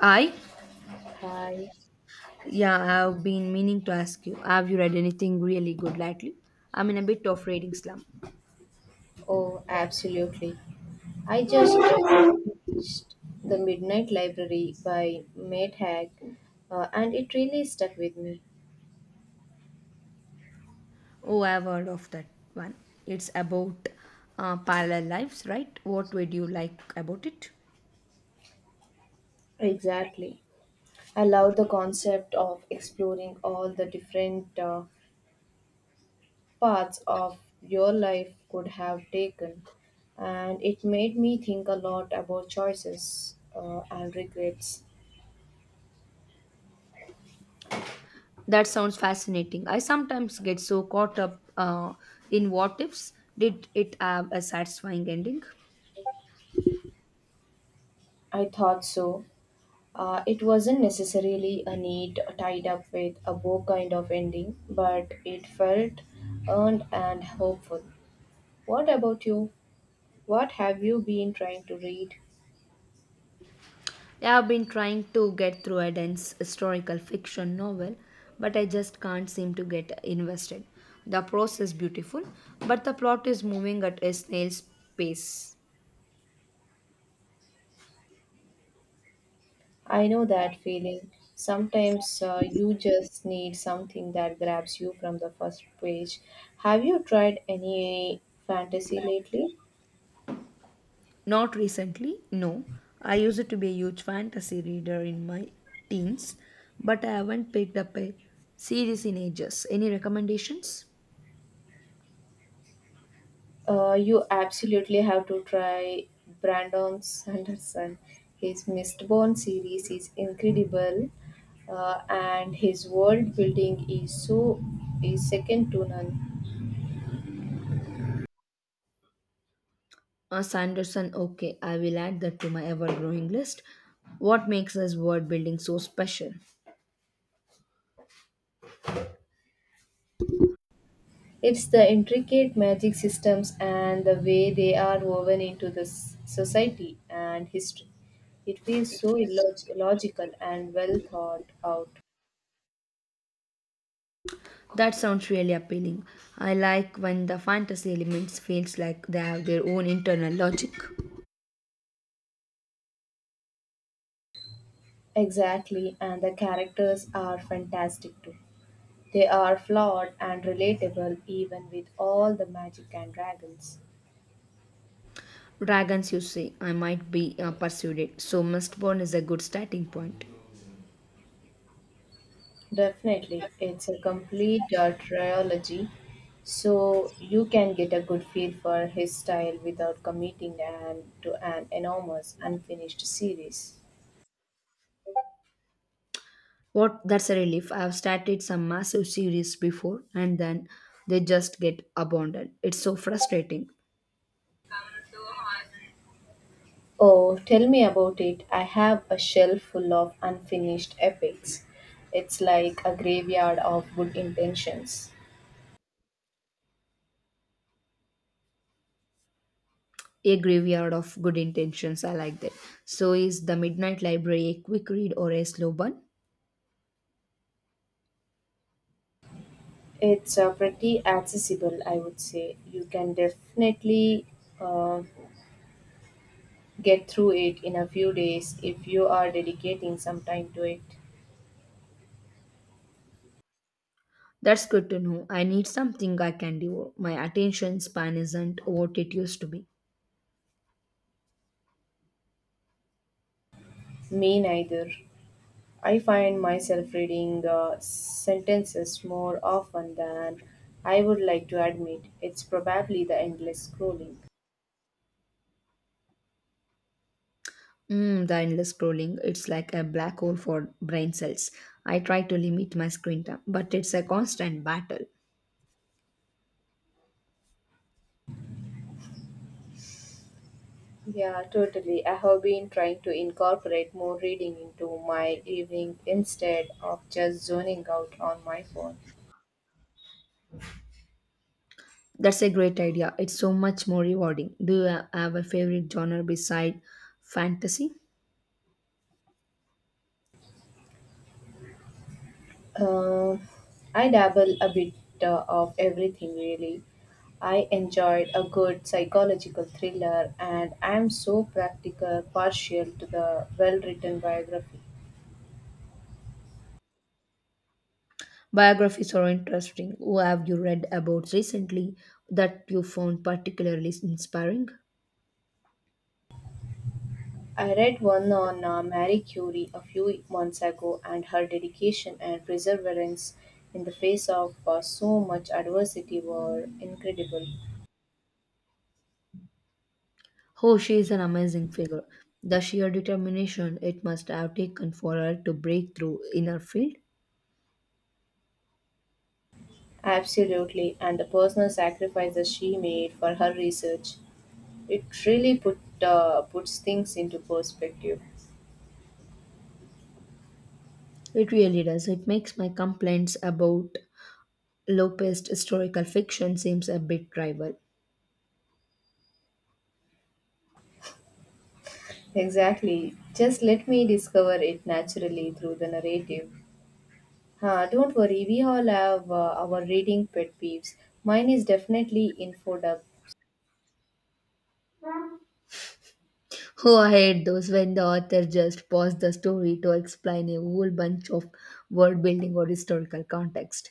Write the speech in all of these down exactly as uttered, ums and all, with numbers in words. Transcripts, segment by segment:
I? Hi. Yeah, I've been meaning to ask you. Have you read anything really good lately? I'm in a bit of reading slump. Oh, absolutely. I just uh, finished The Midnight Library by Matt Haig, uh, and it really stuck with me. Oh, I've heard of that one. It's about uh, parallel lives, right? What would you like about it? Exactly. I love the concept of exploring all the different uh, paths of your life could have taken, and it made me think a lot about choices uh, and regrets. That sounds fascinating. I sometimes get so caught up uh, in what ifs. Did it have a satisfying ending? I thought so. Uh, it wasn't necessarily a neat tied up with a bow kind of ending, but it felt earned and hopeful. What about you? What have you been trying to read? Yeah, I've been trying to get through a dense historical fiction novel, but I just can't seem to get invested. The prose is beautiful, but the plot is moving at a snail's pace. I know that feeling. Sometimes uh, you just need something that grabs you from the first page. Have you tried any fantasy lately? Not recently, no. I used to be a huge fantasy reader in my teens, but I haven't picked up a series in ages. Any recommendations? Uh, you absolutely have to try Brandon Sanderson. His Mistborn series is incredible, uh, and his world building is so is second to none. Uh, Sanderson, okay, I will add that to my ever growing list. What makes this world building so special? It's the intricate magic systems and the way they are woven into the s- society and history. It feels so illog- logical and well thought out. That sounds really appealing. I like when the fantasy elements feels like they have their own internal logic. Exactly, and the characters are fantastic too. They are flawed and relatable even with all the magic and dragons. Dragons, you say, I might be uh, persuaded. So Mistborn is a good starting point. Definitely, it's a complete uh, trilogy, so you can get a good feel for his style without committing an, to an enormous unfinished series. What? That's a relief. I have started some massive series before, and then they just get abandoned. It's so frustrating. Oh, tell me about it. I have a shelf full of unfinished epics. It's like a graveyard of good intentions. A graveyard of good intentions. I like that. So is the Midnight Library a quick read or a slow burn? It's uh, pretty accessible, I would say. You can definitely uh, get through it in a few days if you are dedicating some time to it. That's good to know. I need something I can do. My attention span isn't what it used to be. Me neither. I find myself reading uh, sentences more often than I would like to admit. It's probably the endless scrolling. Mm, the endless scrolling, it's like a black hole for brain cells. I try to limit my screen time, but it's a constant battle. Yeah, totally. I have been trying to incorporate more reading into my evening instead of just zoning out on my phone. That's a great idea. It's so much more rewarding. Do you ha- have a favorite genre beside fantasy? Uh, I dabble a bit uh, of everything, really. I enjoyed a good psychological thriller, and I'm so practical, partial to the well written biography. Biographies are interesting. Who have you read about recently that you found particularly inspiring? I read one on uh, Marie Curie a few months ago, and her dedication and perseverance in the face of uh, so much adversity were incredible. Oh, she is an amazing figure. The sheer determination it must have taken for her to break through in her field. Absolutely, and the personal sacrifices she made for her research. It really put uh, puts things into perspective. It really does. It makes my complaints about Lopez historical fiction seems a bit trivial. Exactly. Just let me discover it naturally through the narrative. Huh, don't worry, we all have uh, our reading pet peeves. Mine is definitely info infodub. Oh, I hate those when the author just paused the story to explain a whole bunch of world building or historical context.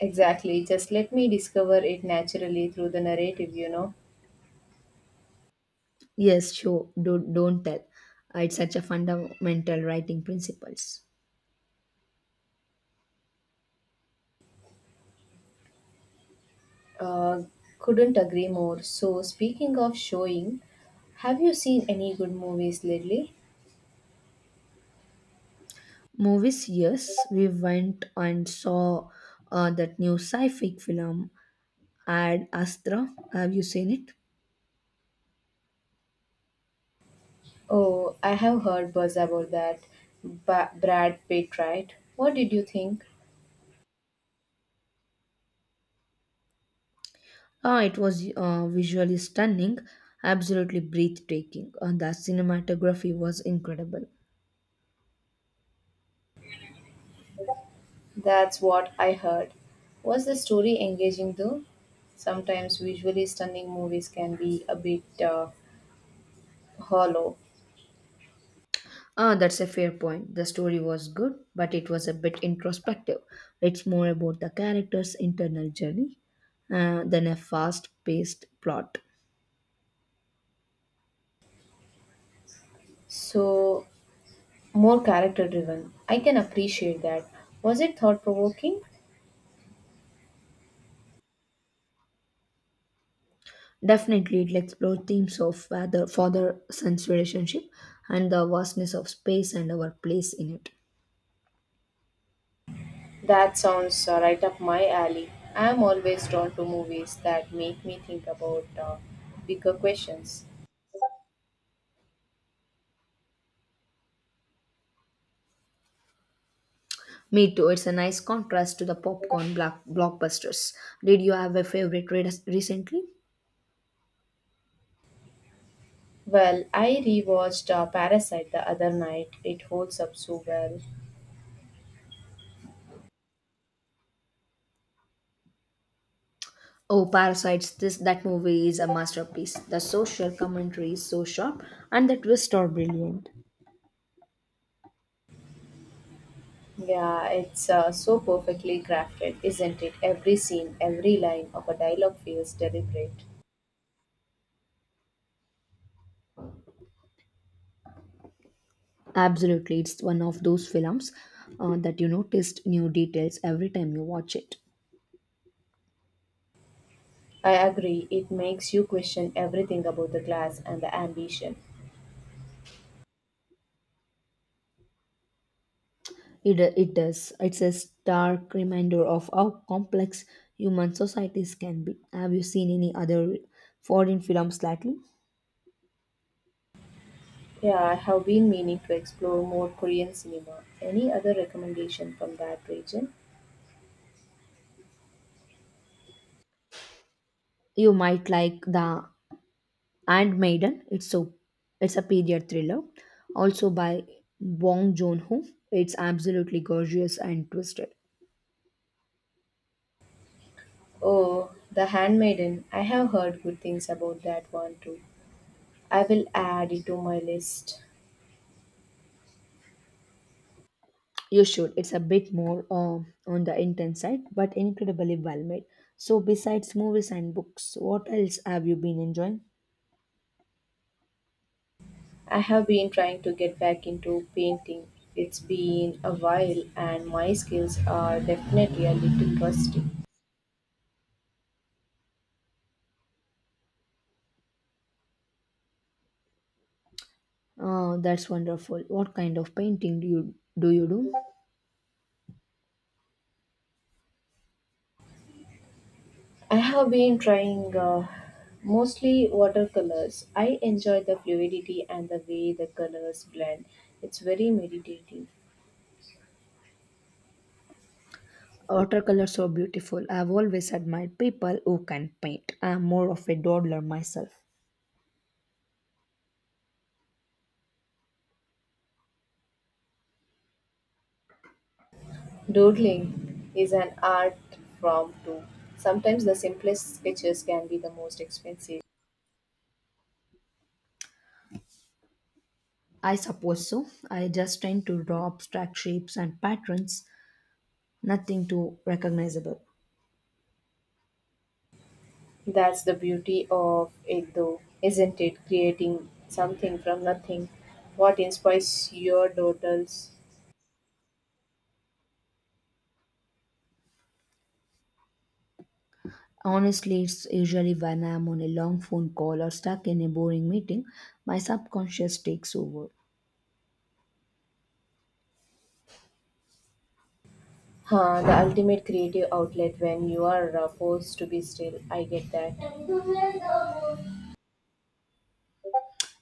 Exactly. Just let me discover it naturally through the narrative, you know. Yes, sure, do, don't tell. It's such a fundamental writing principles. Uh, couldn't agree more. So, speaking of showing, have you seen any good movies lately? Movies, yes, we went and saw uh, that new sci-fi film Ad Astra. Have you seen it? Oh, I have heard buzz about that. Ba- Brad Pitt, right? What did you think? Ah, it was uh, visually stunning, absolutely breathtaking. Uh, the cinematography was incredible. That's what I heard. Was the story engaging though? Sometimes visually stunning movies can be a bit uh, hollow. Ah, that's a fair point. The story was good, but it was a bit introspective. It's more about the character's internal journey uh, than a fast-paced plot. So, more character driven. I can appreciate that. Was it thought provoking? Definitely, it explores themes of father father son's relationship and the vastness of space and our place in it. That sounds uh, right up my alley. I am always drawn to movies that make me think about uh, bigger questions. Me too, it's a nice contrast to the popcorn block, blockbusters. Did you have a favorite read recently? Well, I rewatched uh, Parasite the other night. It holds up so well. Oh, Parasites, this that movie is a masterpiece. The social commentary is so sharp and the twists are brilliant. Yeah, it's uh, so perfectly crafted, isn't it? Every scene, every line of a dialogue feels deliberate. Absolutely, it's one of those films uh, that you noticed new details every time you watch it. I agree, it makes you question everything about the class and the ambition. It, it does. It's a stark reminder of how complex human societies can be. Have you seen any other foreign films lately? Yeah, I have been meaning to explore more Korean cinema. Any other recommendation from that region? You might like The Handmaiden. It's so it's a period thriller, also by Bong Joon-ho. It's absolutely gorgeous and twisted. Oh, The Handmaiden. I have heard good things about that one too. I will add it to my list. You should. It's a bit more uh, on the intense side, but incredibly well made. So, besides movies and books, what else have you been enjoying? I have been trying to get back into painting. It's been a while and my skills are definitely a little rusty. Oh, that's wonderful. What kind of painting do you do? You do? I have been trying uh, mostly watercolors. I enjoy the fluidity and the way the colors blend. It's very meditative. Watercolors are beautiful. I've always admired people who can paint. I'm more of a dawdler myself. Doodling is an art form too. Sometimes the simplest sketches can be the most expensive. I suppose so. I just tend to draw abstract shapes and patterns, nothing too recognizable. That's the beauty of it, though, isn't it? Creating something from nothing. What inspires your daughters? Honestly, it's usually when I'm on a long phone call or stuck in a boring meeting, my subconscious takes over. Huh, the ultimate creative outlet when you are uh, forced to be still. I get that.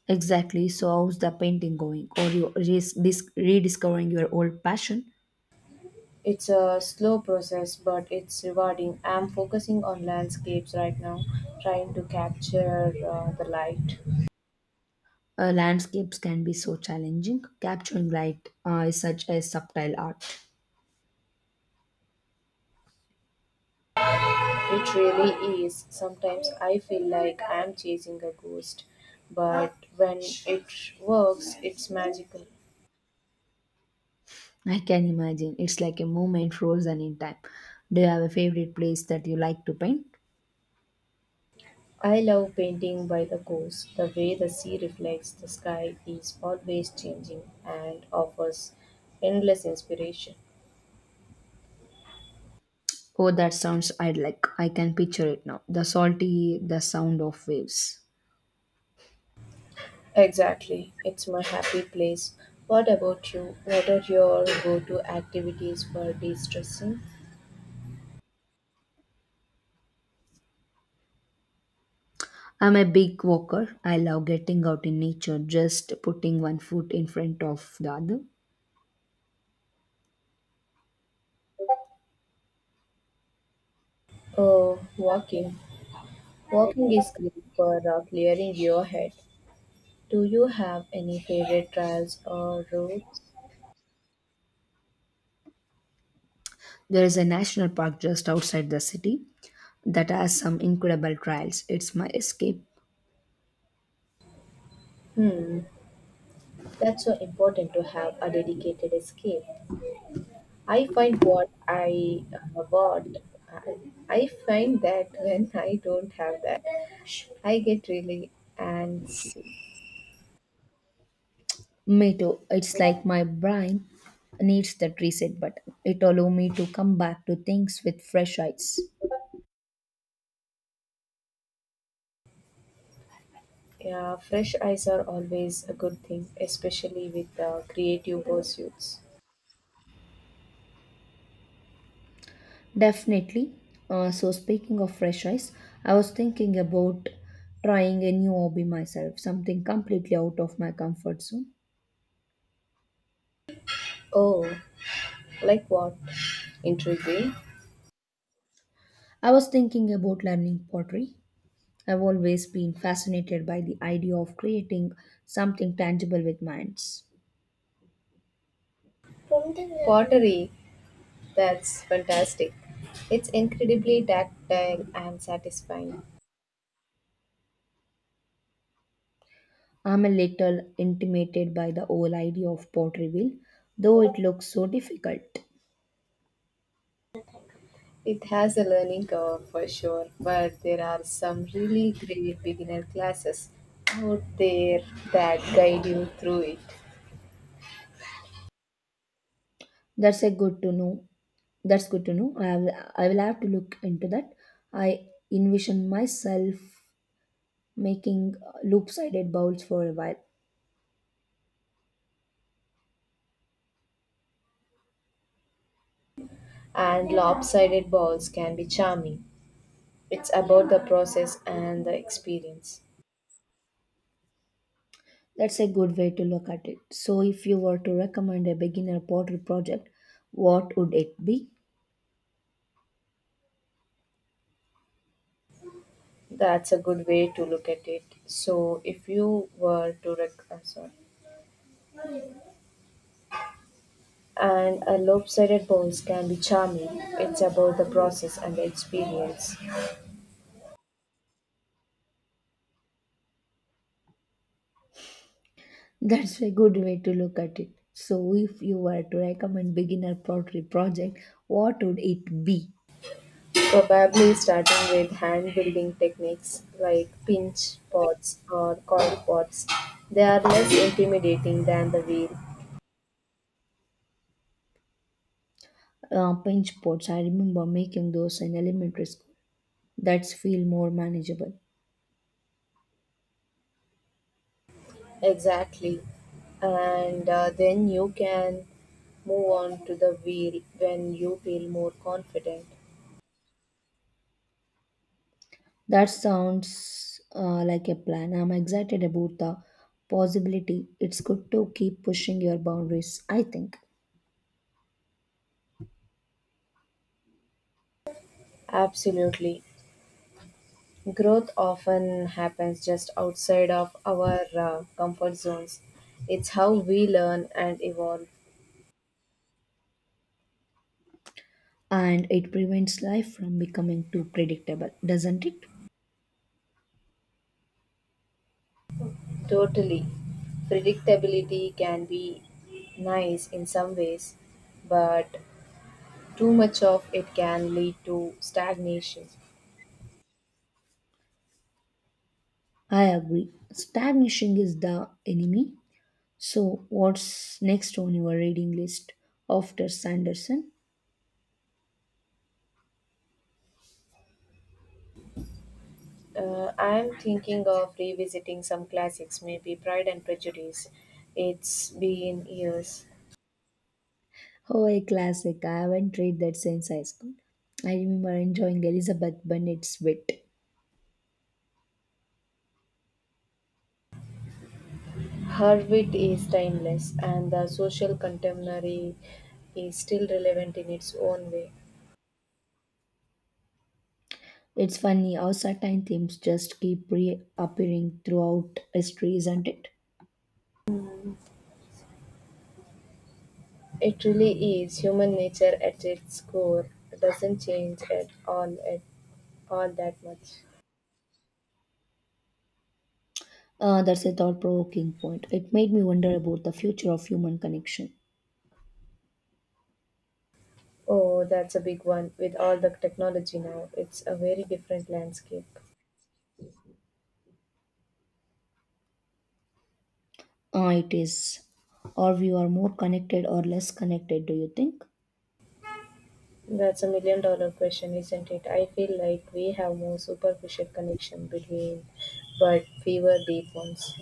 Exactly. So, how's the painting going? Or you redis- rediscovering your old passion? It's a slow process, but it's rewarding. I'm focusing on landscapes right now, trying to capture uh, the light. Uh, landscapes can be so challenging. Capturing light uh, is such a subtle art. It really is. Sometimes I feel like I'm chasing a ghost, but when it works, it's magical. I can imagine. It's like a moment frozen in time. Do you have a favorite place that you like to paint? I love painting by the coast. The way the sea reflects the sky is always changing and offers endless inspiration. Oh, that sounds idyllic. I can picture it now. The salty, the sound of waves. Exactly, it's my happy place. What about you? What are your go to activities for de stressing? I'm a big walker. I love getting out in nature, just putting one foot in front of the other. Oh, walking. Walking is great for uh, clearing your head. Do you have any favorite trails or routes? There is a national park just outside the city that has some incredible trails. It's my escape. Hmm, that's so important to have a dedicated escape. I find what I uh, what I I find that when I don't have that, I get really and Me too. It's like my brain needs that reset button. It allows me to come back to things with fresh eyes. yeah, fresh eyes are always a good thing, especially with uh, creative pursuits. Definitely. Uh, so speaking of fresh eyes, I was thinking about trying a new hobby myself, something completely out of my comfort zone. Oh, like what? Intriguing. I was thinking about learning pottery. I've always been fascinated by the idea of creating something tangible with my hands. Pottery. That's fantastic. It's incredibly tactile and satisfying. I'm a little intimidated by the whole idea of pottery wheel, though it looks so difficult. It has a learning curve for sure, but there are some really great beginner classes out there that guide you through it. That's a good to know. That's good to know. I will, I will have to look into that. I envision myself making loop-sided bowls for a while. And lopsided balls can be charming. It's about the process and the experience. That's a good way to look at it. So, if you were to recommend a beginner pottery project, what would it be? That's a good way to look at it. So, if you were to rec- I'm sorry. And a lopsided balls can be charming. It's about the process and the experience. That's a good way to look at it. So, if you were to recommend beginner pottery project, what would it be? Probably starting with hand building techniques like pinch pots or coil pots. They are less intimidating than the wheel. Uh, pinch pots. I remember making those in elementary school. That's feel more manageable. Exactly. And uh, then you can move on to the wheel when you feel more confident. That sounds uh, like a plan. I'm excited about the possibility. It's good to keep pushing your boundaries, I think. Absolutely. Growth often happens just outside of our uh, comfort zones. It's how we learn and evolve. And it prevents life from becoming too predictable, doesn't it? Totally. Predictability can be nice in some ways, but too much of it can lead to stagnation. I agree. Stagnation is the enemy. So, what's next on your reading list after Sanderson? Uh, I'm thinking of revisiting some classics, maybe Pride and Prejudice. It's been years. Oh, a classic. I haven't read that since high school. I remember enjoying Elizabeth Bennet's wit. Her wit is timeless, and the social contemporary is still relevant in its own way. It's funny how certain themes just keep reappearing throughout history, isn't it? Hmm. It really is. Human nature at its core doesn't change at all at all that much. Uh, that's a thought provoking point. It made me wonder about the future of human connection. Oh, that's a big one. With all the technology now, it's a very different landscape. Uh, it is. Or we are more connected or less connected, do you think? That's a million dollar question, isn't it? I feel like we have more superficial connection between but fewer deep ones.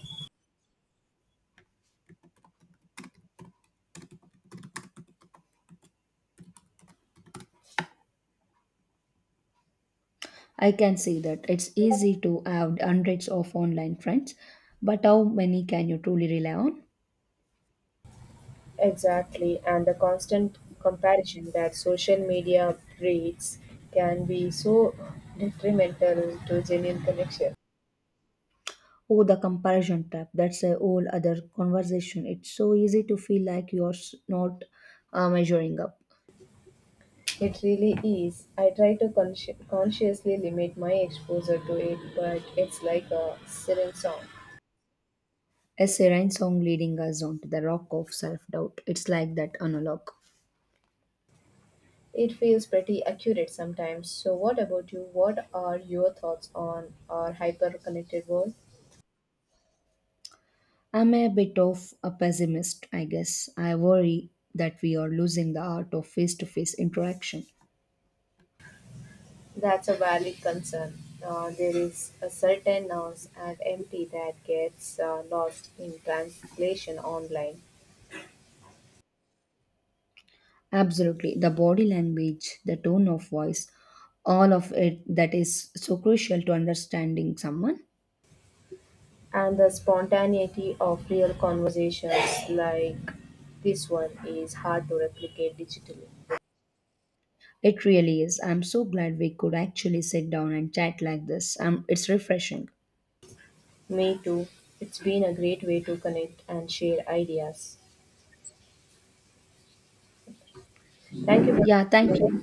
I can see that. It's easy to have hundreds of online friends, but how many can you truly rely on? Exactly, and the constant comparison that social media breeds can be so detrimental to genuine connection. Oh, the comparison trap. That's a whole other conversation. It's so easy to feel like you're s- not uh, measuring up. It really is. I try to consci- consciously limit my exposure to it, but it's like a siren song. A serene song leading us onto the rock of self doubt. It's like that analog. It feels pretty accurate sometimes. So, what about you? What are your thoughts on our hyper connected world? I'm a bit of a pessimist, I guess. I worry that we are losing the art of face to face interaction. That's a valid concern. Uh, there is a certain noise and empty that gets uh, lost in translation online. Absolutely. The body language, the tone of voice, all of it that is so crucial to understanding someone. And the spontaneity of real conversations like this one is hard to replicate digitally. It really is. I'm so glad we could actually sit down and chat like this. Um, it's refreshing. Me too. It's been a great way to connect and share ideas. Thank you. Yeah, thank For you.